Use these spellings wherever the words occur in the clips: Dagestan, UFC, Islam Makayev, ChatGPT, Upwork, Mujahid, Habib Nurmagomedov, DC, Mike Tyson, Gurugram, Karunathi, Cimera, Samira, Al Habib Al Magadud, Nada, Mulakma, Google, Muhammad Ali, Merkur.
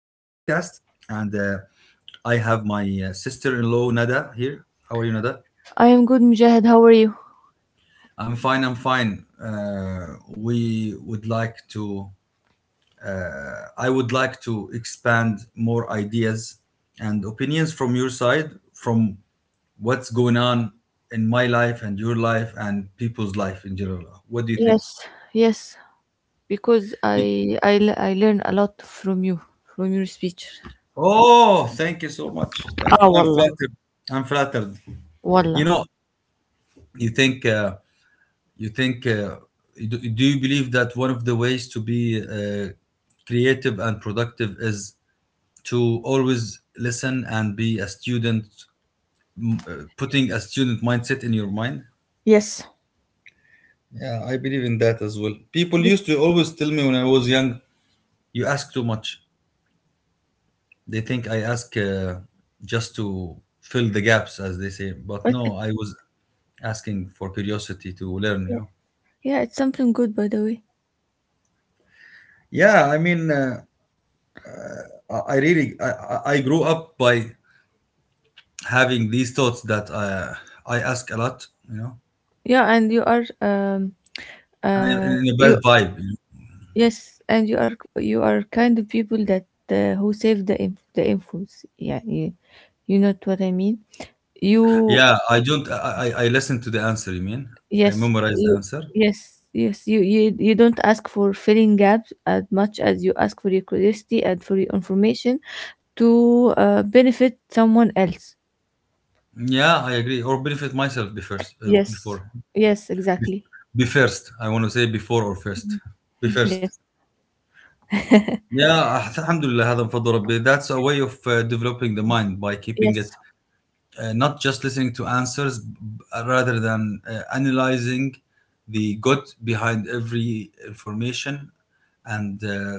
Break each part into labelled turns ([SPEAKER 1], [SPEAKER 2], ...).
[SPEAKER 1] And I have my sister in law, Nada, here. How are you, Nada?
[SPEAKER 2] I am good, Mujahid. How are you?
[SPEAKER 1] I'm fine. I'm fine. We would like to, I would like to expand more ideas and opinions from your side, from what's going on in my life and your life and people's life in general. What do you think?
[SPEAKER 2] Yes, yes, because I learn a lot from you, from your speech.
[SPEAKER 1] Oh, thank you so much. Thank
[SPEAKER 2] Ah,
[SPEAKER 1] you. I'm
[SPEAKER 2] wallah,
[SPEAKER 1] flattered. I'm flattered. You
[SPEAKER 2] wallah.
[SPEAKER 1] know, you think, uh, you think, do, do you believe that one of the ways to be creative and productive is to always listen and be a student, putting a student mindset in your mind?
[SPEAKER 2] Yes,
[SPEAKER 1] Yeah, I believe in that as well. People
[SPEAKER 2] but
[SPEAKER 1] used to always tell me when I was young, you ask too much. They think I ask just to fill the gaps, as they say. But
[SPEAKER 2] but
[SPEAKER 1] no,
[SPEAKER 2] it's
[SPEAKER 1] I was asking for curiosity to learn.
[SPEAKER 2] yeah, it's something good, by the way.
[SPEAKER 1] Yeah, I mean, I really I grew up by having these thoughts that I ask a lot.
[SPEAKER 2] Yeah, and you are
[SPEAKER 1] And
[SPEAKER 2] uh
[SPEAKER 1] in a
[SPEAKER 2] you
[SPEAKER 1] bad vibe.
[SPEAKER 2] yes, and you are kind of people that who save the infos. Yeah, you know what I mean. You
[SPEAKER 1] Yeah, I don't. I listen to the answer. You mean I
[SPEAKER 2] Yes,
[SPEAKER 1] memorize the
[SPEAKER 2] you,
[SPEAKER 1] answer?
[SPEAKER 2] yes. You don't ask for filling gaps as much as you ask for your curiosity and for your information to benefit someone else.
[SPEAKER 1] Yeah, I agree. Or benefit myself
[SPEAKER 2] Yes, yes,
[SPEAKER 1] be,
[SPEAKER 2] exactly.
[SPEAKER 1] be first. I want to say before or first. Be
[SPEAKER 2] Yes,
[SPEAKER 1] first. Yeah, alhamdulillah, هذا من فضل ربي. That's a way of developing the mind by
[SPEAKER 2] yes,
[SPEAKER 1] keeping it not just listening to answers, rather than analyzing the gut behind every information. And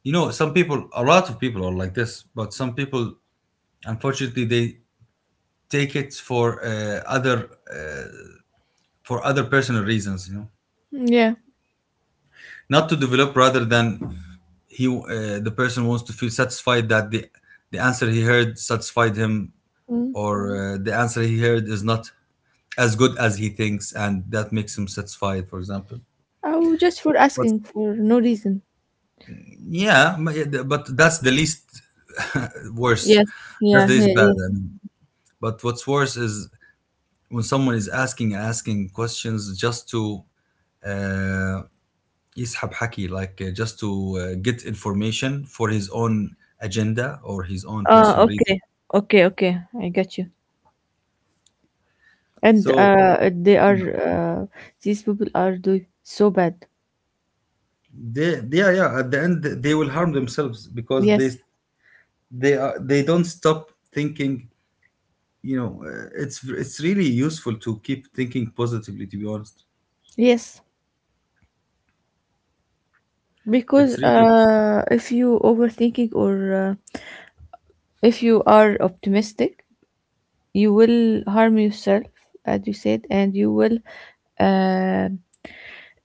[SPEAKER 1] you know, some people, a lot of people are like this, but some people, unfortunately, they take it for other for other personal reasons. You know.
[SPEAKER 2] yeah.
[SPEAKER 1] Not to develop, rather than he the person wants to feel satisfied that the answer he heard satisfied him,
[SPEAKER 2] Mm.
[SPEAKER 1] or the answer he heard is not as good as he thinks and that makes him satisfied, for example.
[SPEAKER 2] Oh, just for
[SPEAKER 1] But
[SPEAKER 2] asking for no reason.
[SPEAKER 1] that's the least worse,
[SPEAKER 2] Yes,
[SPEAKER 1] that's
[SPEAKER 2] yeah,
[SPEAKER 1] the
[SPEAKER 2] yeah,
[SPEAKER 1] least bad,
[SPEAKER 2] yes.
[SPEAKER 1] I mean. But what's worse is when someone is asking and asking questions just to uh, يسحب حكي, like just to get information for his own agenda or his own
[SPEAKER 2] Uh,
[SPEAKER 1] personal reason.
[SPEAKER 2] okay, okay. I get you. And
[SPEAKER 1] so
[SPEAKER 2] they are these people are doing so bad.
[SPEAKER 1] they, they yeah, yeah, at the end they will harm themselves because
[SPEAKER 2] Yes,
[SPEAKER 1] they are they don't stop thinking. It's really useful to keep thinking positively, to be honest.
[SPEAKER 2] yes. Because
[SPEAKER 1] It's really
[SPEAKER 2] if you overthinking or if you are optimistic you will harm yourself as you said and you will uh,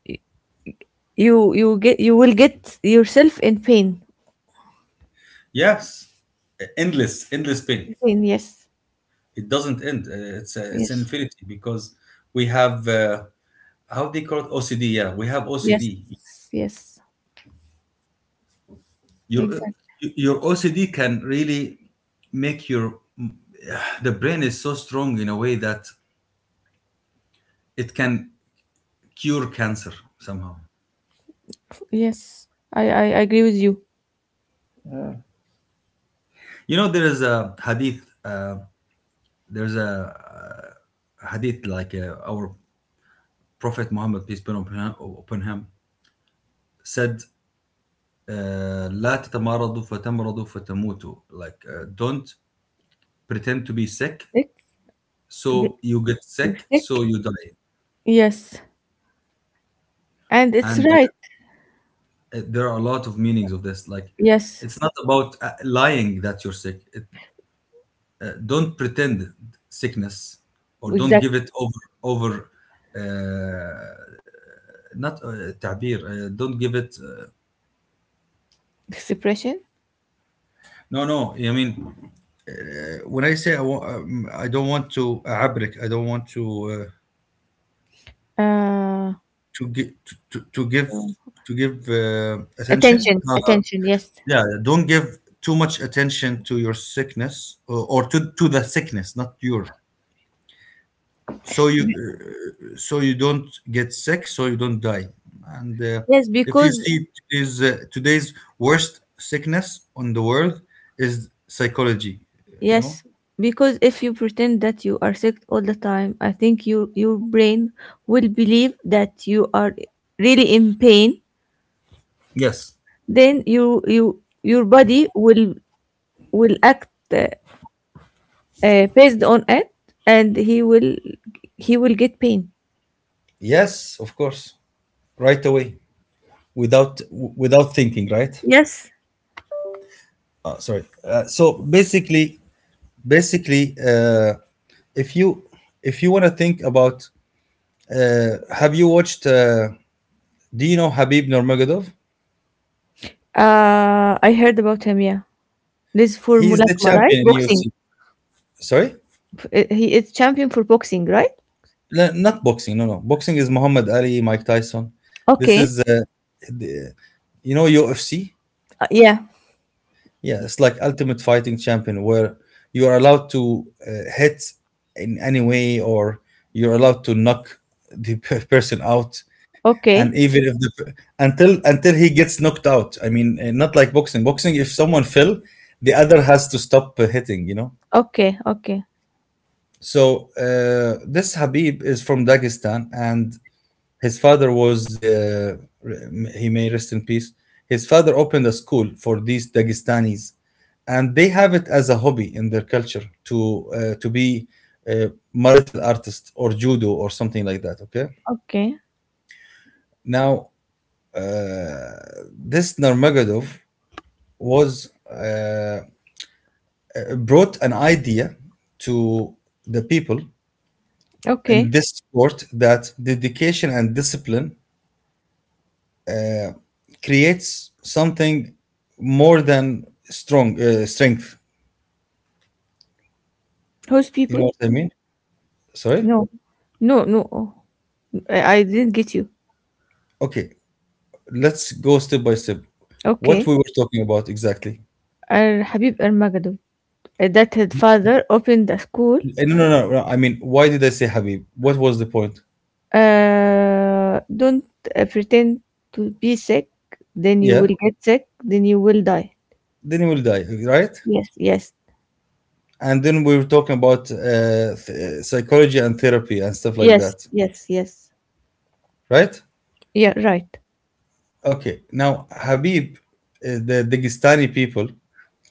[SPEAKER 2] y- you will get yourself in pain
[SPEAKER 1] Yes, endless, endless pain.
[SPEAKER 2] pain Yes
[SPEAKER 1] It doesn't end. It's an
[SPEAKER 2] yes
[SPEAKER 1] infinity because we have, how do you call it, OCD. Yeah, we have
[SPEAKER 2] yes
[SPEAKER 1] OCD.
[SPEAKER 2] yes,
[SPEAKER 1] your
[SPEAKER 2] exactly.
[SPEAKER 1] your OCD can really make your the brain is so strong in a way that it can cure cancer somehow.
[SPEAKER 2] Yes, I agree with you.
[SPEAKER 1] You know, there is a hadith. There's a Hadith like our Prophet Muhammad peace be upon him upon him, said, "لا تتمرضوا فتمرضوا فتموتوا." Like, don't pretend to be sick,
[SPEAKER 2] thick thi-
[SPEAKER 1] so you get sick,
[SPEAKER 2] thick
[SPEAKER 1] so you die.
[SPEAKER 2] Yes, and it's
[SPEAKER 1] And
[SPEAKER 2] right.
[SPEAKER 1] there are a lot of meanings of this. Like
[SPEAKER 2] Yes,
[SPEAKER 1] it's not about lying that you're sick, don't pretend sickness, or don't
[SPEAKER 2] exact
[SPEAKER 1] give it over, uh, not تعبير, don't give it
[SPEAKER 2] expression.
[SPEAKER 1] no no I mean when I say I, wa- I don't want to abrik, I don't want to uh,
[SPEAKER 2] uh
[SPEAKER 1] to, give to to to give give attention.
[SPEAKER 2] attention
[SPEAKER 1] No, no,
[SPEAKER 2] attention Yes.
[SPEAKER 1] yeah, don't give too much attention to your sickness, or to the sickness, not your. So you so you don't get sick, so you don't die. And
[SPEAKER 2] Yes,
[SPEAKER 1] if you
[SPEAKER 2] because
[SPEAKER 1] see today's worst sickness on the world is psychology, you know.
[SPEAKER 2] yes, because if you pretend that you are sick all the time, I think your brain will believe that you are really in pain.
[SPEAKER 1] Yes,
[SPEAKER 2] Then your body will act based on it, and he will get pain.
[SPEAKER 1] yes, of course, right away, without thinking, right.
[SPEAKER 2] Yes,
[SPEAKER 1] Sorry so basically Basically, if you, if you want to think about, have you watched do you know Habib Nurmagomedov?
[SPEAKER 2] I heard about him. Yeah, this for
[SPEAKER 1] He's the
[SPEAKER 2] Mulakma, right?
[SPEAKER 1] champion in
[SPEAKER 2] Boxing.
[SPEAKER 1] UFC. Sorry?
[SPEAKER 2] He is champion for boxing, right?
[SPEAKER 1] No, not boxing. No, no. Boxing is Muhammad Ali, Mike Tyson. This
[SPEAKER 2] Okay.
[SPEAKER 1] is, the, you know, UFC?
[SPEAKER 2] Yeah.
[SPEAKER 1] Yeah, it's like Ultimate Fighting Champion where you are allowed to hit in any way, or you're allowed to knock the person out. And
[SPEAKER 2] Okay.
[SPEAKER 1] even if the per- Until he gets knocked out, I mean, not like boxing. Boxing, if someone fell, the other has to stop hitting. You know.
[SPEAKER 2] Okay. Okay.
[SPEAKER 1] So this Habib is from Dagestan, and his father was, he may rest in peace. His father opened a school for these Dagestanis, and they have it as a hobby in their culture to be a marital artist or judo or something like that. Okay,
[SPEAKER 2] Okay.
[SPEAKER 1] now, uh, this Narmagadov was, brought an idea to the people in
[SPEAKER 2] Okay.
[SPEAKER 1] this sport, that dedication and discipline creates something more than strong strength.
[SPEAKER 2] Host
[SPEAKER 1] You
[SPEAKER 2] people?
[SPEAKER 1] know what I mean? Sorry.
[SPEAKER 2] No, no, no, I didn't get you.
[SPEAKER 1] Okay, let's go step by step. What
[SPEAKER 2] Okay.
[SPEAKER 1] we were talking about exactly?
[SPEAKER 2] Al Habib Al Magadud, that his father opened a school.
[SPEAKER 1] No, no, no, no, I mean, why did I say Habib? What was the point?
[SPEAKER 2] Don't pretend to be sick, then you
[SPEAKER 1] Yeah.
[SPEAKER 2] will get sick, then you will die.
[SPEAKER 1] Then he will die, right?
[SPEAKER 2] Yes, yes,
[SPEAKER 1] And then we were talking about psychology and therapy and stuff like
[SPEAKER 2] yes,
[SPEAKER 1] that,
[SPEAKER 2] yes, yes.
[SPEAKER 1] right?
[SPEAKER 2] Yeah, right.
[SPEAKER 1] Okay. Now Habib, the Dagestani people,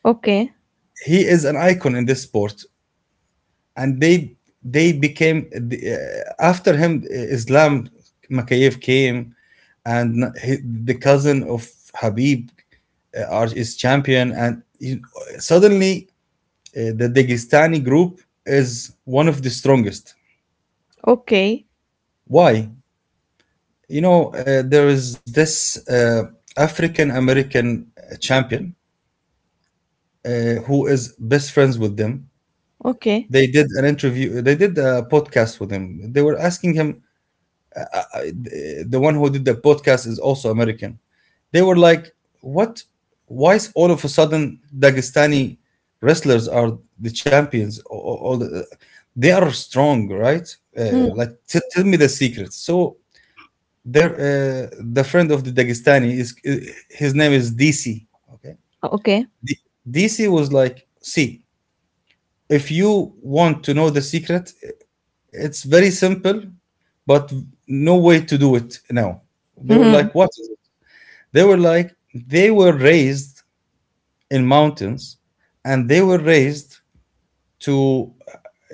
[SPEAKER 2] Okay,
[SPEAKER 1] he is an icon in this sport. And they became the, after him, Islam Makayev came and the cousin of Habib, is champion. And suddenly, the Dagestani group is one of the strongest.
[SPEAKER 2] okay,
[SPEAKER 1] Why? You know, there is this uh, African American champion, uh, who is best friends with them.
[SPEAKER 2] okay.
[SPEAKER 1] They did an interview, they did a podcast with him, they were asking him, I, the one who did the podcast is also American. They were like, "What? Why is all of a sudden Dagestani wrestlers are the champions? All the, they are strong, right?
[SPEAKER 2] Hmm.
[SPEAKER 1] Tell me the secret." So there, the friend of the Dagestani, is his name is DC. Okay,
[SPEAKER 2] Okay.
[SPEAKER 1] D- DC was like, "See, if you want to know the secret, it's very simple, but no way to do it now." They were
[SPEAKER 2] Hmm.
[SPEAKER 1] like, what is it? They were like, they were raised in mountains and they were raised to,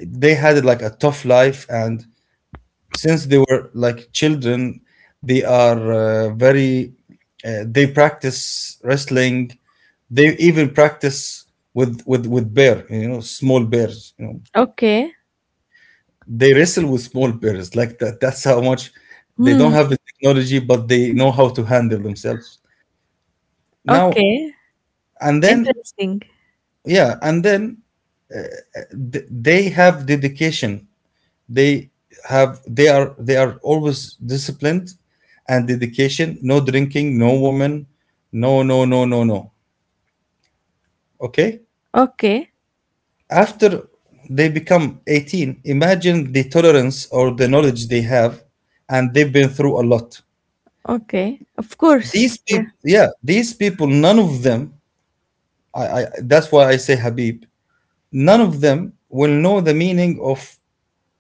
[SPEAKER 1] they had like a tough life. And since they were like children, they are they practice wrestling. They even practice with bear, you know, small bears, you know.
[SPEAKER 2] Okay.
[SPEAKER 1] They wrestle with small bears. Like that. That's how much they
[SPEAKER 2] Hmm.
[SPEAKER 1] don't have the technology, but they know how to handle themselves. Now
[SPEAKER 2] Okay.
[SPEAKER 1] and then,
[SPEAKER 2] Interesting.
[SPEAKER 1] yeah, and then they have dedication. They have. They are. They are always disciplined and dedication. No drinking. No woman. No. No. No. No. No. Okay.
[SPEAKER 2] Okay.
[SPEAKER 1] After they become 18, imagine the tolerance or the knowledge they have, and they've been through a lot,
[SPEAKER 2] Okay. Of course.
[SPEAKER 1] these people. Yeah, these people, none of them, I that's why I say Habib, none of them will know the meaning of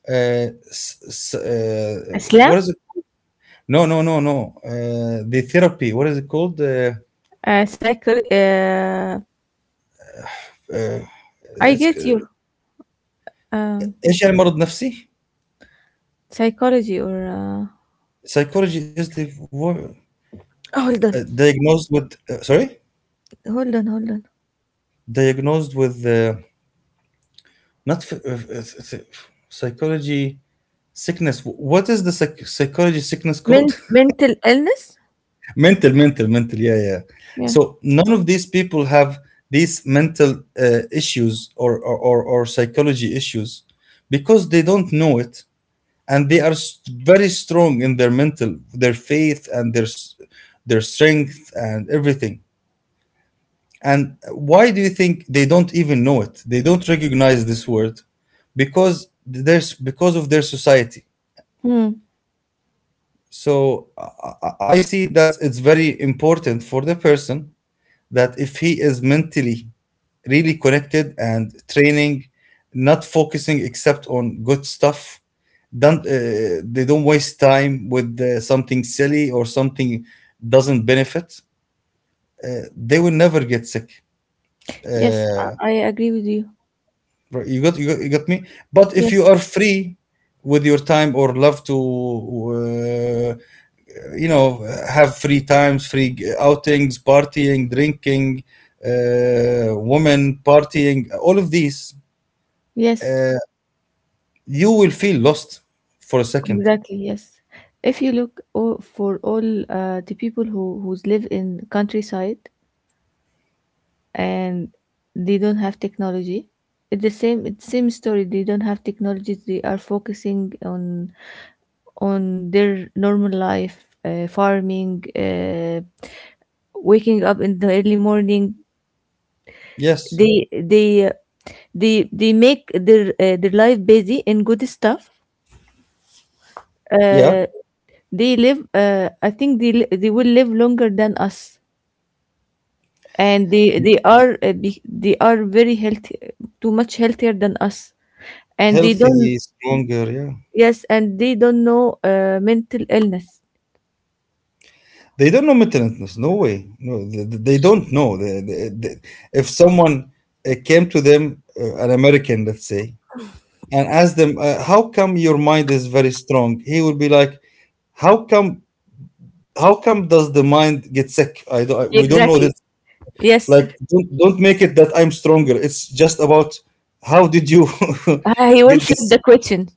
[SPEAKER 1] uh,
[SPEAKER 2] Islam?
[SPEAKER 1] what is it. No, no, no, no, the therapy, what is it called,
[SPEAKER 2] Uh, psycho- uh,
[SPEAKER 1] uh,
[SPEAKER 2] I
[SPEAKER 1] it's
[SPEAKER 2] get your Um,
[SPEAKER 1] ايش يعني مرض نفسي.
[SPEAKER 2] psychology or
[SPEAKER 1] Psychology is the word.
[SPEAKER 2] Hold on,
[SPEAKER 1] Diagnosed with, sorry
[SPEAKER 2] hold on.
[SPEAKER 1] diagnosed with, not f- th- psychology sickness. What is the psychology sickness called?
[SPEAKER 2] Mental illness?
[SPEAKER 1] Mental mental, yeah, yeah.
[SPEAKER 2] Yeah.
[SPEAKER 1] So none of these people have these mental issues, or psychology issues, because they don't know it, and they are very strong in their mental, their faith, and their their strength and everything. And why do you think they don't even know it, they don't recognize this word? Because there's, because of their society.
[SPEAKER 2] Hmm.
[SPEAKER 1] So I see that it's very important for the person that if he is mentally really connected and training, not focusing except on good stuff, don't they don't waste time with something silly or something doesn't benefit. They will never get sick.
[SPEAKER 2] Yes,
[SPEAKER 1] Uh,
[SPEAKER 2] I agree with you.
[SPEAKER 1] right, you got me. But if
[SPEAKER 2] Yes.
[SPEAKER 1] you are free with your time, or love to, you know, have free times, outings, partying, drinking, women, partying, all of these,
[SPEAKER 2] Yes.
[SPEAKER 1] you will feel lost for a second.
[SPEAKER 2] Exactly. Yes. If you look o- for all the people who's live in countryside, and they don't have technology, it's the same, it's same story. They don't have technology. They are focusing on their normal life, farming, waking up in the early morning.
[SPEAKER 1] Yes.
[SPEAKER 2] They they uh, they they make their life busy in good stuff.
[SPEAKER 1] Yeah,
[SPEAKER 2] uh, they live, I think they will live longer than us, and they are very healthy, too much healthier than us, and they don't,
[SPEAKER 1] healthy, stronger, yeah.
[SPEAKER 2] yes, and they don't know mental illness.
[SPEAKER 1] They don't know mental illness, no way. No, they don't know, if someone came to them, an American, let's say, and asked them, how come your mind is very strong, he would be like, how come, how come does the mind get sick? I don't I, We don't know
[SPEAKER 2] Exactly.
[SPEAKER 1] that.
[SPEAKER 2] Yes.
[SPEAKER 1] Like don't make it that I'm stronger. It's just about how did you
[SPEAKER 2] He
[SPEAKER 1] get
[SPEAKER 2] will flip
[SPEAKER 1] this sick?
[SPEAKER 2] the question.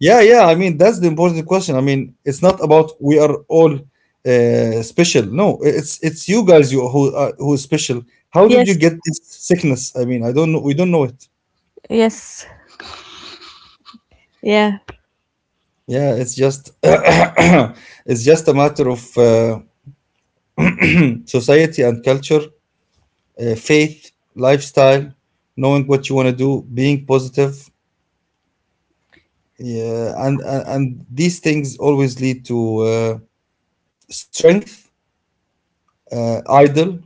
[SPEAKER 1] Yeah, yeah, I mean that's the important question. I mean it's not about we are all special. No, it's it's you guys, you who are who is special. How did you
[SPEAKER 2] Yes,
[SPEAKER 1] get this sickness? I mean I don't know, we don't know it.
[SPEAKER 2] yes, yeah.
[SPEAKER 1] Yeah, it's just it's just a matter of society and culture, faith, lifestyle, knowing what you want to do, being positive, yeah, and these things always lead to strength, idol,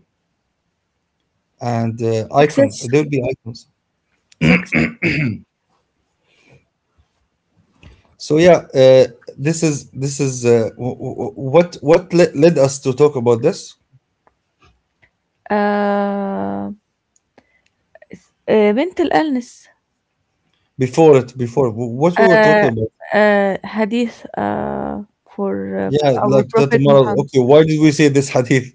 [SPEAKER 1] and icon.
[SPEAKER 2] Success,
[SPEAKER 1] There will be icons.
[SPEAKER 2] success.
[SPEAKER 1] So yeah, this is led us to talk about this
[SPEAKER 2] uh, Mental illness,
[SPEAKER 1] before what we were
[SPEAKER 2] uh,
[SPEAKER 1] talking about.
[SPEAKER 2] hadith, for uh,
[SPEAKER 1] Yeah,
[SPEAKER 2] our
[SPEAKER 1] like that
[SPEAKER 2] prophet
[SPEAKER 1] tomorrow.
[SPEAKER 2] Muhammad,
[SPEAKER 1] Okay, why did we say this hadith?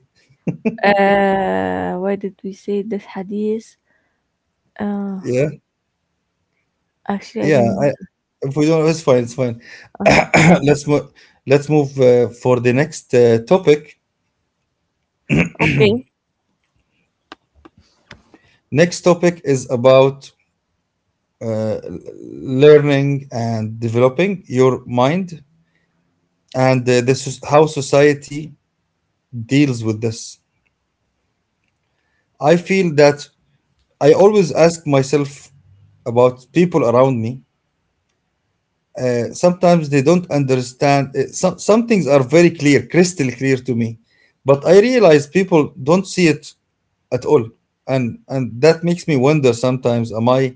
[SPEAKER 2] why did we say this hadith, uh,
[SPEAKER 1] Yeah,
[SPEAKER 2] actually I
[SPEAKER 1] yeah.
[SPEAKER 2] don't know.
[SPEAKER 1] If we don't, it's fine. It's fine.
[SPEAKER 2] Uh,
[SPEAKER 1] Let's move, let's move for the next topic.
[SPEAKER 2] okay.
[SPEAKER 1] Next topic is about uh, learning and developing your mind, and this is how society deals with this. I feel that, I always ask myself about people around me. Sometimes they don't understand, uh, some things are very clear, crystal clear to me, but I realize people don't see it at all. And that makes me wonder sometimes, am I,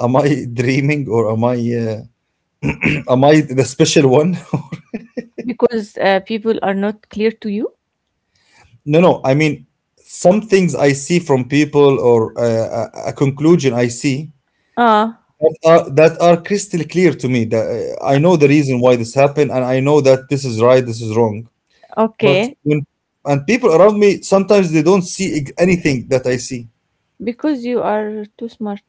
[SPEAKER 1] am I dreaming, or am I am I the special one?
[SPEAKER 2] Because people are not clear to you.
[SPEAKER 1] No, no. I mean, some things I see from people, or uh, a conclusion I see
[SPEAKER 2] Ah,
[SPEAKER 1] that are crystal clear to me. That I know the reason why this happened, and I know that this is right, this is wrong. But
[SPEAKER 2] okay.
[SPEAKER 1] when and people around me sometimes they don't see anything that I see.
[SPEAKER 2] Because you are too smart.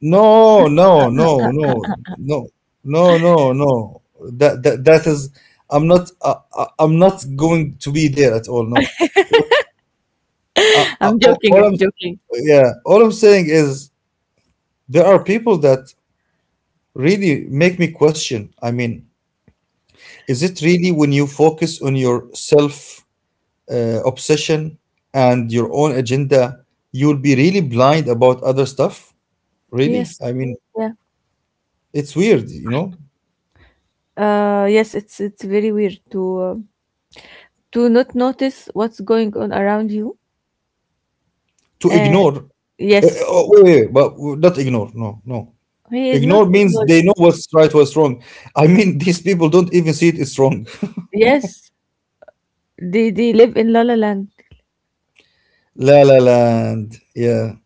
[SPEAKER 1] No, no, no, no, no, no, no, no. That is. I'm not. I'm not going to be there at all. No. What?
[SPEAKER 2] I'm joking.
[SPEAKER 1] All
[SPEAKER 2] I'm
[SPEAKER 1] I'm,
[SPEAKER 2] joking.
[SPEAKER 1] yeah. All I'm saying is there are people that really make me question. I mean, is it really when you focus on your self obsession and your own agenda, you'll be really blind about other stuff? Really?
[SPEAKER 2] Yes.
[SPEAKER 1] I mean,
[SPEAKER 2] Yeah.
[SPEAKER 1] it's weird. You know.
[SPEAKER 2] Yes, it's very weird to not notice what's going on around you.
[SPEAKER 1] To
[SPEAKER 2] Uh,
[SPEAKER 1] ignore.
[SPEAKER 2] yes,
[SPEAKER 1] Oh, wait, wait, wait, but not ignore. No, no.
[SPEAKER 2] he is not
[SPEAKER 1] Ignore means
[SPEAKER 2] ignorant.
[SPEAKER 1] they know what's right, what's wrong. I mean, these people don't even see it, it's wrong.
[SPEAKER 2] Yes, they live in La La Land.
[SPEAKER 1] La La Land. Yeah.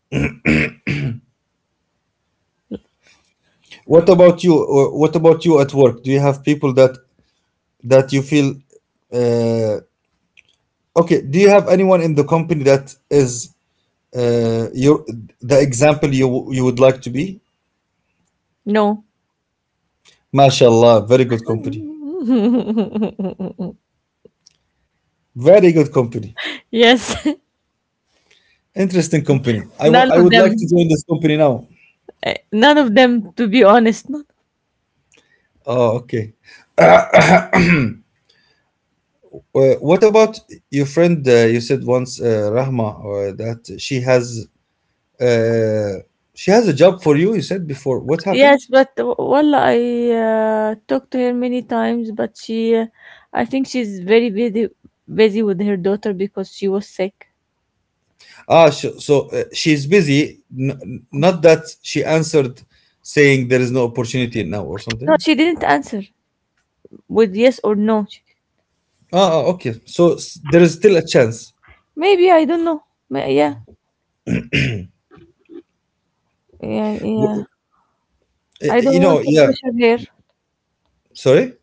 [SPEAKER 1] What about you? What about you at work? Do you have people that that you feel uh, okay? Do you have anyone in the company that is your the example you you would like to be?
[SPEAKER 2] No.
[SPEAKER 1] MashaAllah, very good company. Very good company.
[SPEAKER 2] Yes.
[SPEAKER 1] Interesting company.
[SPEAKER 2] None
[SPEAKER 1] I
[SPEAKER 2] of
[SPEAKER 1] would like to
[SPEAKER 2] them.
[SPEAKER 1] join this company now.
[SPEAKER 2] None of them, to be honest.
[SPEAKER 1] Oh, okay. Well, what about your friend? You said once, Rahma, or that uh, she has a job for you. You said before. What happened?
[SPEAKER 2] Wallah, I talked to her many times, but she, I think she's very busy, busy with her daughter because she was sick.
[SPEAKER 1] Ah, sh so she's busy. Not that she answered, saying there is no opportunity now or
[SPEAKER 2] No,
[SPEAKER 1] something.
[SPEAKER 2] she didn't answer with yes or no. She-
[SPEAKER 1] Ah, ah, okay. So there is still a chance.
[SPEAKER 2] Maybe I don't know. Yeah, yeah, yeah.
[SPEAKER 1] W-
[SPEAKER 2] I
[SPEAKER 1] You
[SPEAKER 2] don't
[SPEAKER 1] know,
[SPEAKER 2] want to
[SPEAKER 1] yeah.
[SPEAKER 2] pressure her.
[SPEAKER 1] Sorry.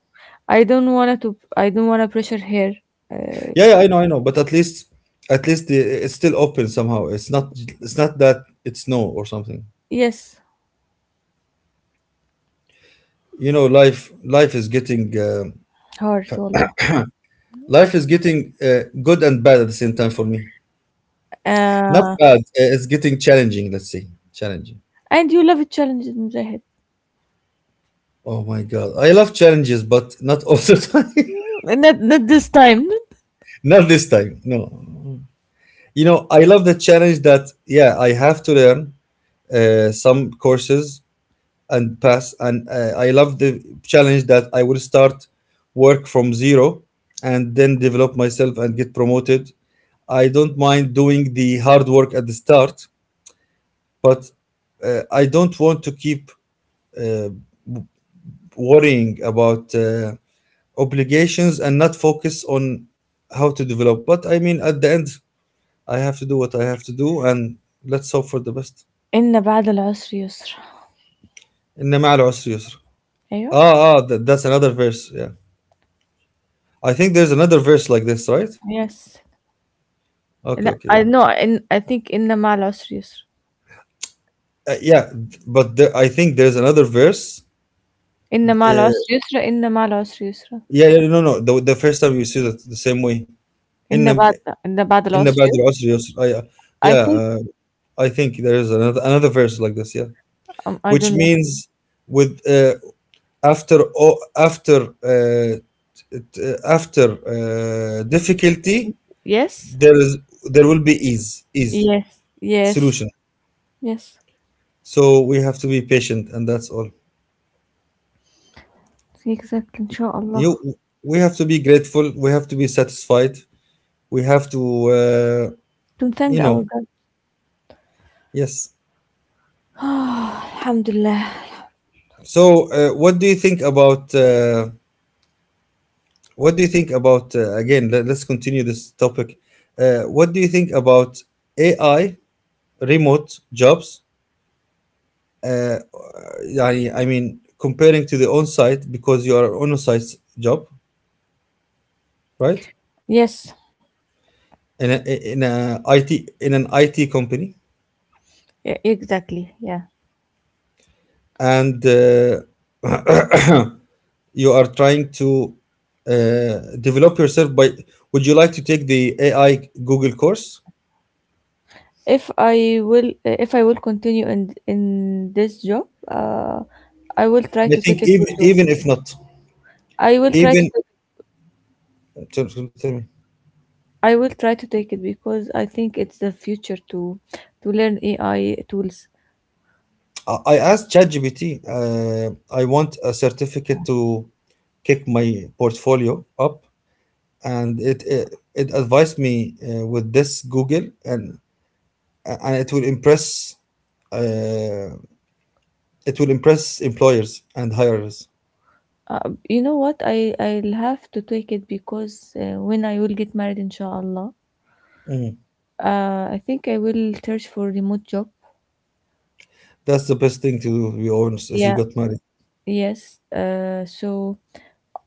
[SPEAKER 2] I don't want to. To. I don't want to pressure her. Uh,
[SPEAKER 1] Yeah, yeah, I know, I know. But at least it's still open somehow. It's not. It's not that it's no or something.
[SPEAKER 2] yes,
[SPEAKER 1] You know, life is getting
[SPEAKER 2] hard, Wallah.
[SPEAKER 1] good and bad at the same time for me. Not
[SPEAKER 2] Uh,
[SPEAKER 1] bad, it's getting challenging, let's say challenging.
[SPEAKER 2] and you love challenges, Mujahid.
[SPEAKER 1] Oh my god, I love challenges, but not all the time.
[SPEAKER 2] Not, not this time.
[SPEAKER 1] Not this time, no. You know, I love the challenge that, yeah, I have to learn some courses and pass, and I love the challenge that I will start work from zero and then develop myself and get promoted. I don't mind doing the hard work at the start, but I don't want to keep uh, w- worrying about obligations and not focus on how to develop. But I mean, at the end, I have to do what I have to do, and let's hope for the best.
[SPEAKER 2] إن بعد العسر يسر.
[SPEAKER 1] إن مع العسر يسر.
[SPEAKER 2] أيوه.
[SPEAKER 1] Ah, ah, that, that's another verse. Yeah, I think there's another verse like this, right?
[SPEAKER 2] Yes.
[SPEAKER 1] Okay,
[SPEAKER 2] لأ،
[SPEAKER 1] okay, yeah,
[SPEAKER 2] I know إن I think إن مع العسر يسرًا،
[SPEAKER 1] yeah. But there, I think there's another verse.
[SPEAKER 2] إن مع
[SPEAKER 1] Uh,
[SPEAKER 2] العسر يسرًا، إن مع العسر يسرًا،
[SPEAKER 1] yeah, yeah, no, no. The first time you see that the same way. إن
[SPEAKER 2] إن بعد
[SPEAKER 1] إن
[SPEAKER 2] إن بعد العسر
[SPEAKER 1] بعد
[SPEAKER 2] ي.
[SPEAKER 1] العسر يسر. I, yeah,
[SPEAKER 2] I
[SPEAKER 1] yeah,
[SPEAKER 2] think
[SPEAKER 1] I think there is another another verse like this, yeah,
[SPEAKER 2] I
[SPEAKER 1] which
[SPEAKER 2] don't know.
[SPEAKER 1] means with after after difficulty
[SPEAKER 2] Yes?
[SPEAKER 1] there is there will be ease, ease,
[SPEAKER 2] Yes, yes,
[SPEAKER 1] solution.
[SPEAKER 2] yes.
[SPEAKER 1] So we have to be patient, and that's all.
[SPEAKER 2] Exactly إن شاء الله.
[SPEAKER 1] You, we have to be grateful. We have to be satisfied. We have to uh,
[SPEAKER 2] To thank
[SPEAKER 1] you
[SPEAKER 2] our
[SPEAKER 1] know,
[SPEAKER 2] God.
[SPEAKER 1] yes.
[SPEAKER 2] الحمد لله.
[SPEAKER 1] So what do you think about? What do you think about again? Let us continue this topic. What do you think about AI remote jobs? Uh, I mean, comparing to the on-site, because you are on-site job, right?
[SPEAKER 2] Yes,
[SPEAKER 1] In a, in a IT in an IT company,
[SPEAKER 2] e exactly, yeah.
[SPEAKER 1] and you are trying to develop yourself by. Would you like to take the AI Google course?
[SPEAKER 2] If I will continue in in this job, I will try
[SPEAKER 1] I
[SPEAKER 2] to
[SPEAKER 1] think
[SPEAKER 2] take it for
[SPEAKER 1] even,
[SPEAKER 2] sure.
[SPEAKER 1] even if not,
[SPEAKER 2] I will try to
[SPEAKER 1] even.
[SPEAKER 2] take I will try to take it because I think it's the future to learn AI tools.
[SPEAKER 1] I asked ChatGPT, I want a certificate to kick my portfolio up, and it advised me with this Google, and it will impress uh, employers and hirers.
[SPEAKER 2] You know what? I'll have to take it because when I will get married, inshallah,
[SPEAKER 1] Mm.
[SPEAKER 2] I think I will search for remote job.
[SPEAKER 1] That's the best thing to do, to be honest. If you
[SPEAKER 2] Yeah.
[SPEAKER 1] got married,
[SPEAKER 2] Yes. So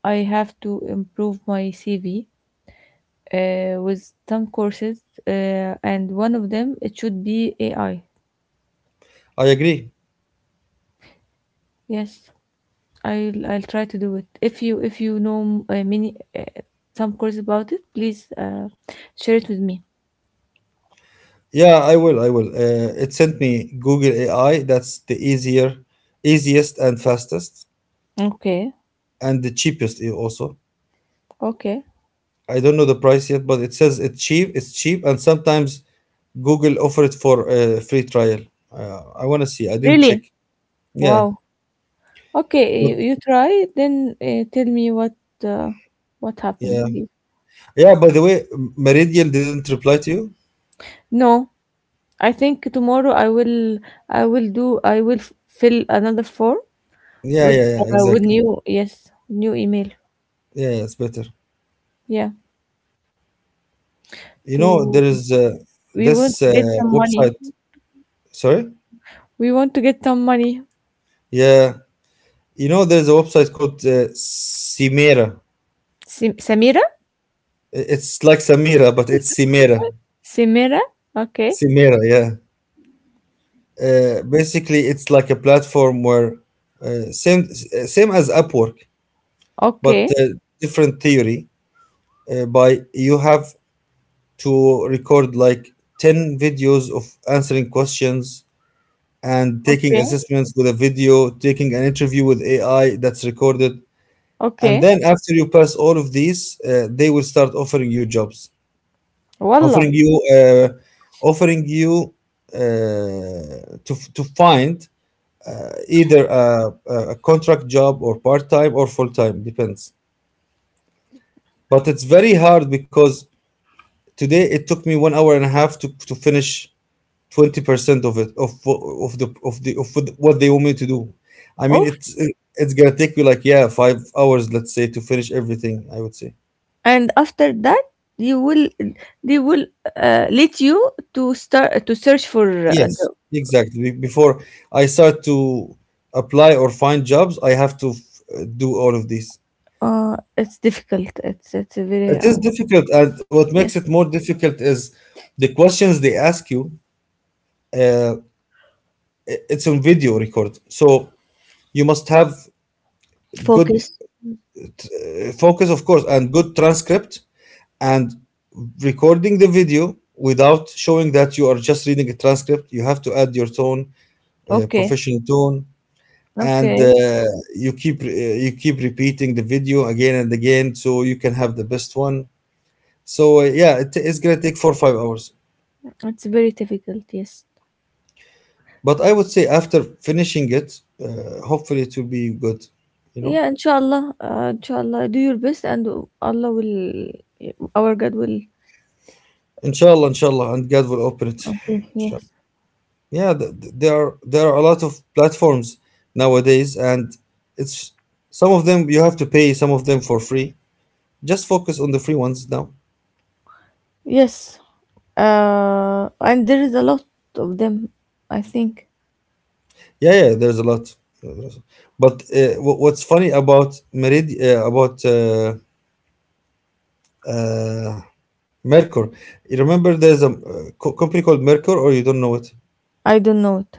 [SPEAKER 2] I have to improve my CV with some courses, and one of them it should be AI.
[SPEAKER 1] I agree.
[SPEAKER 2] Yes. I'll try to do it. If you know many some course about it, please share it with me.
[SPEAKER 1] Yeah, I will. I will. It sent me Google AI. That's the easier, easiest and fastest,
[SPEAKER 2] Okay,
[SPEAKER 1] and the cheapest also.
[SPEAKER 2] okay.
[SPEAKER 1] I don't know the price yet, but it says it's cheap. It's cheap, and sometimes Google offer it for a free trial. I want to see. I didn't check.
[SPEAKER 2] Really?
[SPEAKER 1] Yeah,
[SPEAKER 2] Wow. Okay,
[SPEAKER 1] but
[SPEAKER 2] you try then tell me uh, what happened
[SPEAKER 1] yeah,
[SPEAKER 2] with you.
[SPEAKER 1] yeah. By the way, Meridian didn't reply to you.
[SPEAKER 2] No, I think tomorrow I will fill another form
[SPEAKER 1] Yeah, yeah, yeah.
[SPEAKER 2] with
[SPEAKER 1] Exactly.
[SPEAKER 2] new yes, new email.
[SPEAKER 1] Yeah, yeah, it's better.
[SPEAKER 2] Yeah,
[SPEAKER 1] You
[SPEAKER 2] to
[SPEAKER 1] know, there is
[SPEAKER 2] we want
[SPEAKER 1] this
[SPEAKER 2] to get some money.
[SPEAKER 1] website. Sorry.
[SPEAKER 2] We want to get some money.
[SPEAKER 1] Yeah, you know, there's a website called Cimera.
[SPEAKER 2] Samira.
[SPEAKER 1] It's like Samira, but it's Cimera.
[SPEAKER 2] سميرة؟ Okay,
[SPEAKER 1] Cimera. Yeah. Basically, it's like a platform where same as Upwork, but
[SPEAKER 2] okay,
[SPEAKER 1] different theory. By you have to record like ten videos of answering questions and taking
[SPEAKER 2] okay,
[SPEAKER 1] assessments with a video, taking an interview with AI that's recorded, and
[SPEAKER 2] okay.
[SPEAKER 1] then after you pass all of these, they will start offering you jobs,
[SPEAKER 2] Wallah,
[SPEAKER 1] offering you, uh, offering you to find either a contract job or part time or full time, depends. But it's very hard because today it took me 1 hour and a half to finish 20% of it, of what they want me to do. I mean,
[SPEAKER 2] off.
[SPEAKER 1] it's gonna take you like, yeah, 5 hours, let's say, to finish everything. I would say
[SPEAKER 2] And after that they will they will let you to start to search for a
[SPEAKER 1] yes,
[SPEAKER 2] job.
[SPEAKER 1] exactly. Before I start to apply or find jobs, I have to do all of these.
[SPEAKER 2] It's difficult. It's a very
[SPEAKER 1] It is difficult, and what
[SPEAKER 2] yes,
[SPEAKER 1] makes it more difficult is the questions they ask you. Uh, it's on video record, so you must have good
[SPEAKER 2] focus.
[SPEAKER 1] focus, of course, and good transcript, and recording the video without showing that you are just reading a transcript. You have to add your tone,
[SPEAKER 2] Okay,
[SPEAKER 1] professional tone, and
[SPEAKER 2] okay.
[SPEAKER 1] you keep you keep repeating the video again and again, so you can have the best one. So yeah, it, it's gonna take 4 or 5 hours.
[SPEAKER 2] It's very difficult. Yes.
[SPEAKER 1] But I would say after finishing it, hopefully it will be good, you know.
[SPEAKER 2] Yeah. Inshallah. Inshallah. Do your best, and Allah will. Our God will.
[SPEAKER 1] Inshallah, inshallah, and God will open it.
[SPEAKER 2] Okay.
[SPEAKER 1] Inshallah.
[SPEAKER 2] Yes.
[SPEAKER 1] Yeah, there are a lot of platforms nowadays, and it's some of them you have to pay, some of them for free. Just focus on the free ones now.
[SPEAKER 2] Yes, and there is a lot of them. I think
[SPEAKER 1] Yeah, yeah, there's a lot. There's- But what's funny about Merid about uh, Mercur? You remember there's a company called Mercur, or you don't know it?
[SPEAKER 2] I don't know it.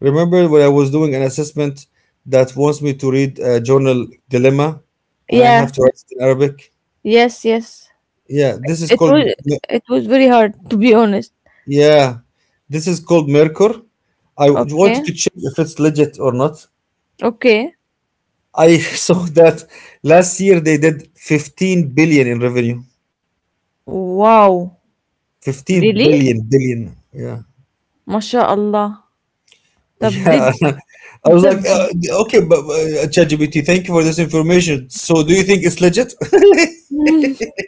[SPEAKER 1] Remember when I was doing an assessment that wants me to read a journal dilemma and I
[SPEAKER 2] Yeah.
[SPEAKER 1] have to write it in Arabic?
[SPEAKER 2] Yes. Yes.
[SPEAKER 1] Yeah, this is
[SPEAKER 2] It
[SPEAKER 1] called me-
[SPEAKER 2] was. It was very hard to be honest.
[SPEAKER 1] yeah, this is called Merkur. I
[SPEAKER 2] Okay.
[SPEAKER 1] wanted to check if it's legit or not.
[SPEAKER 2] Okay.
[SPEAKER 1] I saw that last year they did 15 billion in revenue.
[SPEAKER 2] Wow.
[SPEAKER 1] 15
[SPEAKER 2] Really?
[SPEAKER 1] billion billion. Yeah.
[SPEAKER 2] MashaAllah. طب did
[SPEAKER 1] Yeah. I was
[SPEAKER 2] طب
[SPEAKER 1] like,
[SPEAKER 2] did.
[SPEAKER 1] okay, but ChatGPT, thank you for this information. So do you think it's legit?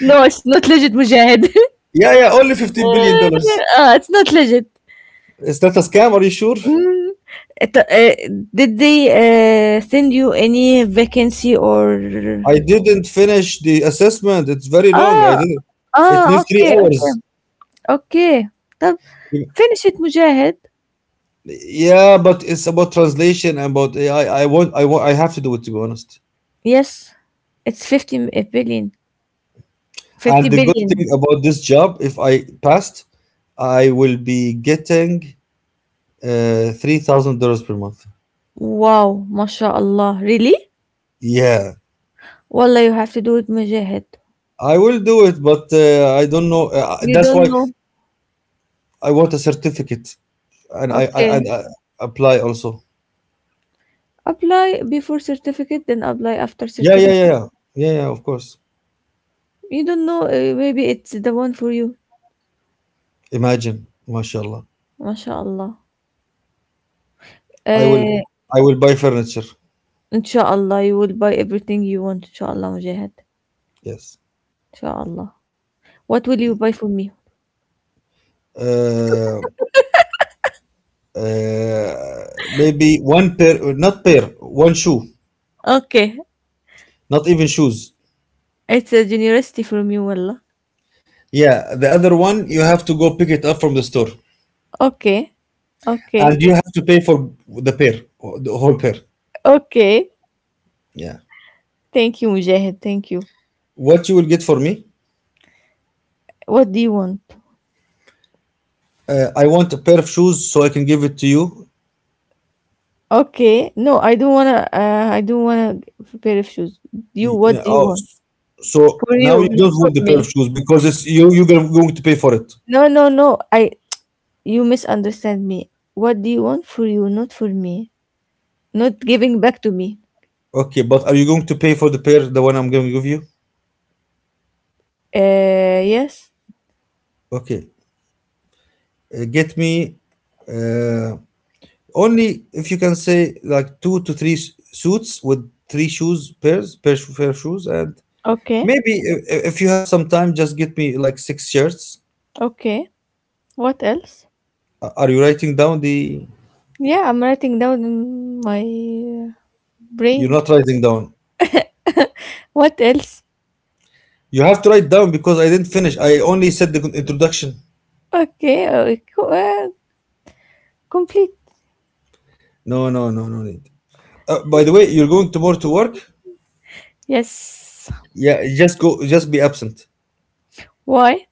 [SPEAKER 2] No, it's not legit, Mujahid.
[SPEAKER 1] Yeah, yeah, only 15 billion dollars.
[SPEAKER 2] Uh, it's not legit.
[SPEAKER 1] Is that a scam? Are you sure?
[SPEAKER 2] Mm. Uh, did they send you any vacancy or
[SPEAKER 1] I didn't finish the assessment. It's very long. I
[SPEAKER 2] آه،
[SPEAKER 1] didn't. It
[SPEAKER 2] آه،
[SPEAKER 1] needs
[SPEAKER 2] أوكي،
[SPEAKER 1] three
[SPEAKER 2] أوكي،
[SPEAKER 1] hours.
[SPEAKER 2] أوكي. طَب finish it مجاهد.
[SPEAKER 1] Yeah, but it's about translation and about AI. I want. I want. I have to do it to be honest.
[SPEAKER 2] Yes, it's 50,000,000,000
[SPEAKER 1] And the good
[SPEAKER 2] 50,000,000,000
[SPEAKER 1] thing about this job, if I passed, I will be getting $3,000 per month.
[SPEAKER 2] Wow! ما شاء الله. Really?
[SPEAKER 1] Yeah,
[SPEAKER 2] والله you have to do it مجاهد.
[SPEAKER 1] I will do it, but I don't know.
[SPEAKER 2] You
[SPEAKER 1] That's why
[SPEAKER 2] don't know.
[SPEAKER 1] I want a certificate, and I, I
[SPEAKER 2] Okay.
[SPEAKER 1] and I apply also.
[SPEAKER 2] Apply before certificate, then apply after
[SPEAKER 1] Yeah, yeah, yeah,
[SPEAKER 2] certificate.
[SPEAKER 1] yeah, yeah, yeah. Of course.
[SPEAKER 2] You don't know, maybe it's the one for you.
[SPEAKER 1] Imagine, mashallah.
[SPEAKER 2] ما شاء الله.
[SPEAKER 1] I will,
[SPEAKER 2] آآ
[SPEAKER 1] I will buy furniture.
[SPEAKER 2] إن شاء الله you will buy everything you want. إن شاء الله مجاهد.
[SPEAKER 1] Yes.
[SPEAKER 2] إن شاء الله. What will you buy for me?
[SPEAKER 1] Uh, maybe one pair, not pair, one shoe,
[SPEAKER 2] Okay.
[SPEAKER 1] not even shoes.
[SPEAKER 2] It's a generosity from you, Wallah.
[SPEAKER 1] Yeah, the other one you have to go pick it up from the store,
[SPEAKER 2] Okay, okay,
[SPEAKER 1] and you have to pay for the pair, the whole pair.
[SPEAKER 2] okay.
[SPEAKER 1] Yeah.
[SPEAKER 2] Thank you, Mujahid. Thank you.
[SPEAKER 1] What you will get for me?
[SPEAKER 2] What do you want?
[SPEAKER 1] I want a pair of shoes so I can give it to you.
[SPEAKER 2] Okay, no, I don't wanna. I don't wanna a pair of shoes. You, what do you
[SPEAKER 1] Oh,
[SPEAKER 2] want?
[SPEAKER 1] so
[SPEAKER 2] For
[SPEAKER 1] now
[SPEAKER 2] you,
[SPEAKER 1] you
[SPEAKER 2] not
[SPEAKER 1] don't
[SPEAKER 2] for
[SPEAKER 1] want the pair
[SPEAKER 2] me.
[SPEAKER 1] of shoes because it's you. You're going to pay for it.
[SPEAKER 2] No, no, no. I You misunderstand me. What do you want for you, not for me? Not giving back to me.
[SPEAKER 1] Okay, but are you going to pay for the pair, the one I'm going to give you?
[SPEAKER 2] Yes.
[SPEAKER 1] Okay, get me, uh, only if you can say like two to three suits with three shoes pair of shoes, and
[SPEAKER 2] Okay,
[SPEAKER 1] maybe if you have some time, just get me like six shirts.
[SPEAKER 2] okay. What else?
[SPEAKER 1] Are you writing down the?
[SPEAKER 2] Yeah, I'm writing down in my uh,
[SPEAKER 1] You're
[SPEAKER 2] brain.
[SPEAKER 1] not writing down.
[SPEAKER 2] What else?
[SPEAKER 1] You have to write down because I didn't finish. I only said the introduction.
[SPEAKER 2] Okay, complete.
[SPEAKER 1] No, no, no, no need. By the way, you're going tomorrow to work?
[SPEAKER 2] Yes.
[SPEAKER 1] Yeah, just go, just be absent.
[SPEAKER 2] Why?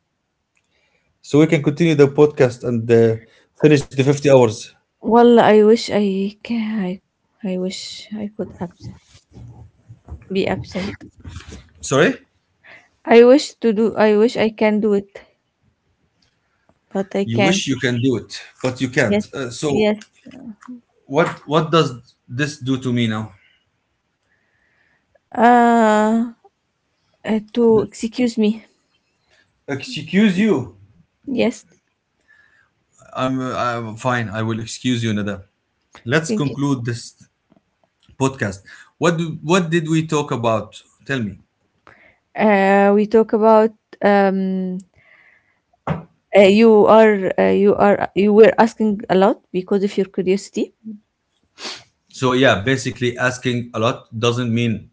[SPEAKER 1] So we can continue the podcast and finish the 50 hours.
[SPEAKER 2] Well, I wish I could be absent.
[SPEAKER 1] Sorry,
[SPEAKER 2] I wish to do. I wish I can do it, but I
[SPEAKER 1] you
[SPEAKER 2] can't.
[SPEAKER 1] wish you can do it, but you can't.
[SPEAKER 2] Yes.
[SPEAKER 1] So
[SPEAKER 2] Yes.
[SPEAKER 1] what does this do to me now?
[SPEAKER 2] Uh, to excuse me.
[SPEAKER 1] Excuse you.
[SPEAKER 2] Yes.
[SPEAKER 1] I'm fine. I will excuse you, Nada. Let's
[SPEAKER 2] Thank you.
[SPEAKER 1] conclude this podcast. What did we talk about? Tell me.
[SPEAKER 2] We talk about um. You are. You are. You were asking a lot because of your curiosity.
[SPEAKER 1] So yeah, basically asking a lot doesn't mean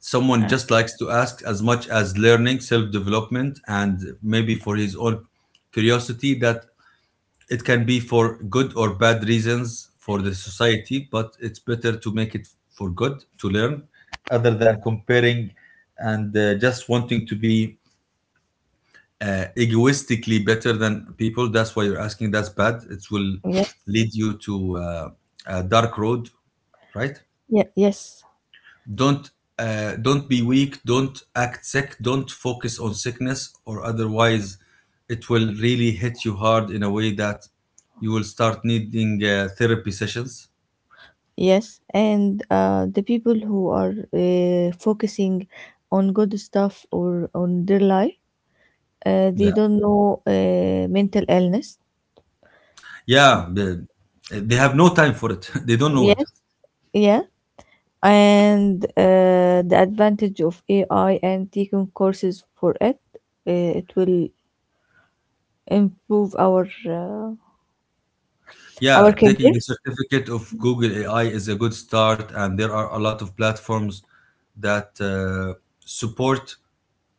[SPEAKER 1] someone
[SPEAKER 2] Uh,
[SPEAKER 1] just likes to ask as much as learning, self-development, and maybe for his own curiosity, that it can be for good or bad reasons for the society, but it's better to make it for good, to learn other than comparing and just wanting to be egoistically better than people. That's why you're asking. That's bad. It will
[SPEAKER 2] yes.
[SPEAKER 1] lead you to a dark road, right?
[SPEAKER 2] Yeah. Yes.
[SPEAKER 1] Don't don't be weak. Don't act sick. Don't focus on sickness, or otherwise, it will really hit you hard in a way that you will start needing therapy sessions.
[SPEAKER 2] Yes, and the people who are focusing on good stuff or on their life, they
[SPEAKER 1] Yeah,
[SPEAKER 2] don't know mental illness.
[SPEAKER 1] yeah. They have no time for it. They don't know it.
[SPEAKER 2] Yes, yeah, and the advantage of AI and taking courses for it, it will improve our
[SPEAKER 1] Yeah,
[SPEAKER 2] career.
[SPEAKER 1] taking the certificate of Google AI is a good start, and there are a lot of platforms that support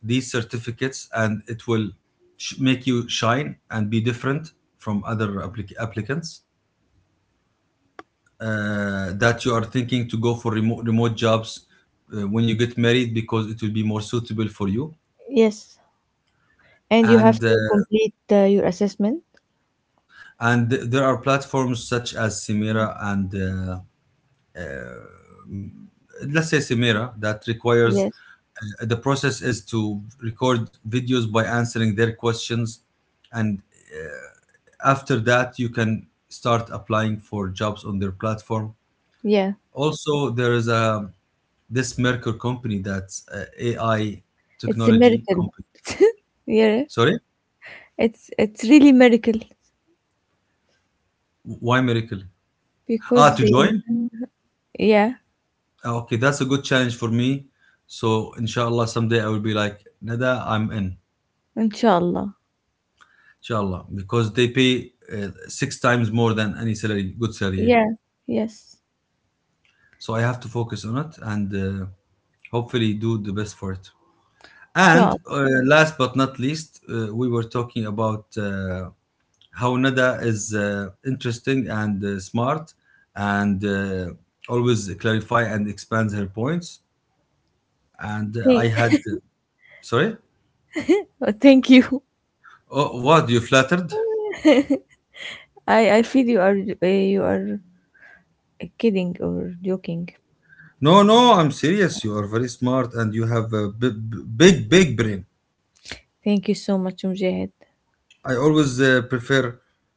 [SPEAKER 1] these certificates, and it will make you shine and be different from other applicants. That you are thinking to go for remote jobs when you get married because it will be more suitable for you.
[SPEAKER 2] Yes, and you have
[SPEAKER 1] And uh,
[SPEAKER 2] to complete your assessment.
[SPEAKER 1] and there are platforms such as Simera, and let's say Simera that requires.
[SPEAKER 2] Yes,
[SPEAKER 1] The process is to record videos by answering their questions, and after that, you can start applying for jobs on their platform.
[SPEAKER 2] yeah,
[SPEAKER 1] Also, there is a this Merkur company that's a AI
[SPEAKER 2] it's a
[SPEAKER 1] technology
[SPEAKER 2] miracle.
[SPEAKER 1] company.
[SPEAKER 2] Yeah,
[SPEAKER 1] Sorry,
[SPEAKER 2] it's really miracle.
[SPEAKER 1] why Miracle? Ah,
[SPEAKER 2] Because
[SPEAKER 1] to
[SPEAKER 2] they
[SPEAKER 1] join?
[SPEAKER 2] yeah
[SPEAKER 1] Ah, okay, that's a good challenge for me. So inshallah, someday I will be like Nada, I'm in.
[SPEAKER 2] inshallah,
[SPEAKER 1] Inshallah, because they pay six times more than any salary, good salary here.
[SPEAKER 2] yeah, yes,
[SPEAKER 1] So I have to focus on it and hopefully do the best for it.
[SPEAKER 2] inshallah.
[SPEAKER 1] And Last but not least, we were talking about how Nada is interesting and smart and always clarify and expands her points. And
[SPEAKER 2] thank,
[SPEAKER 1] I had, sorry,
[SPEAKER 2] Thank you.
[SPEAKER 1] oh, what, you flattered?
[SPEAKER 2] I feel you are kidding or joking.
[SPEAKER 1] No, no, I'm serious. You are very smart and you have a big, big brain.
[SPEAKER 2] Thank you so much, Mujahid.
[SPEAKER 1] I always prefer,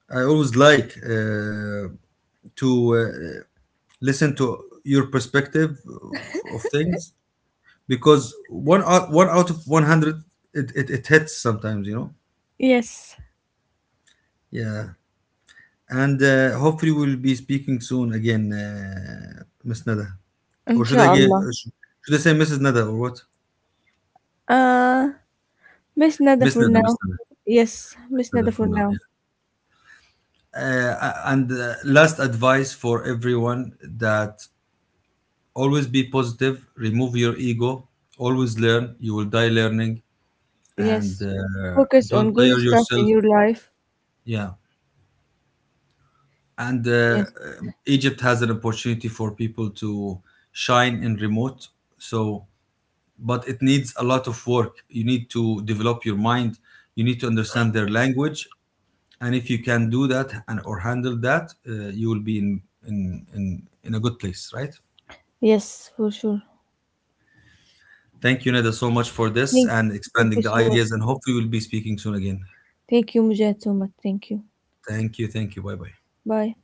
[SPEAKER 1] I always like to listen to your perspective of things because one out of 100, it hits sometimes.
[SPEAKER 2] Yes,
[SPEAKER 1] Yeah. And hopefully we'll be speaking soon again, Miss Nada. Or
[SPEAKER 2] inshallah.
[SPEAKER 1] should should I say Mrs. Nada or what?
[SPEAKER 2] uh Miss Nada
[SPEAKER 1] Miss
[SPEAKER 2] for
[SPEAKER 1] Nada,
[SPEAKER 2] now.
[SPEAKER 1] Miss Nada,
[SPEAKER 2] Yes, Miss
[SPEAKER 1] Nada
[SPEAKER 2] Nada
[SPEAKER 1] for
[SPEAKER 2] for
[SPEAKER 1] now.
[SPEAKER 2] now.
[SPEAKER 1] Yeah. uh, and Last advice for everyone: that always be positive, remove your ego, always learn, you will die learning. and
[SPEAKER 2] Yes,
[SPEAKER 1] uh,
[SPEAKER 2] focus on
[SPEAKER 1] don't
[SPEAKER 2] good
[SPEAKER 1] tire
[SPEAKER 2] stuff in
[SPEAKER 1] yourself.
[SPEAKER 2] your life.
[SPEAKER 1] Yeah. And
[SPEAKER 2] Yes.
[SPEAKER 1] Egypt has an opportunity for people to shine in remote. So, but it needs a lot of work. You need to develop your mind. You need to understand their language. And if you can do that and or handle that, you will be in a good place, right?
[SPEAKER 2] Yes, for sure.
[SPEAKER 1] Thank you, Neda, so much for this
[SPEAKER 2] thank
[SPEAKER 1] and
[SPEAKER 2] Thank
[SPEAKER 1] expanding
[SPEAKER 2] you
[SPEAKER 1] the
[SPEAKER 2] so much.
[SPEAKER 1] ideas. And hopefully, we'll be speaking soon again.
[SPEAKER 2] Thank you, Mujahid, so much. Thank you.
[SPEAKER 1] Thank you. Thank you. Bye bye.
[SPEAKER 2] Bye.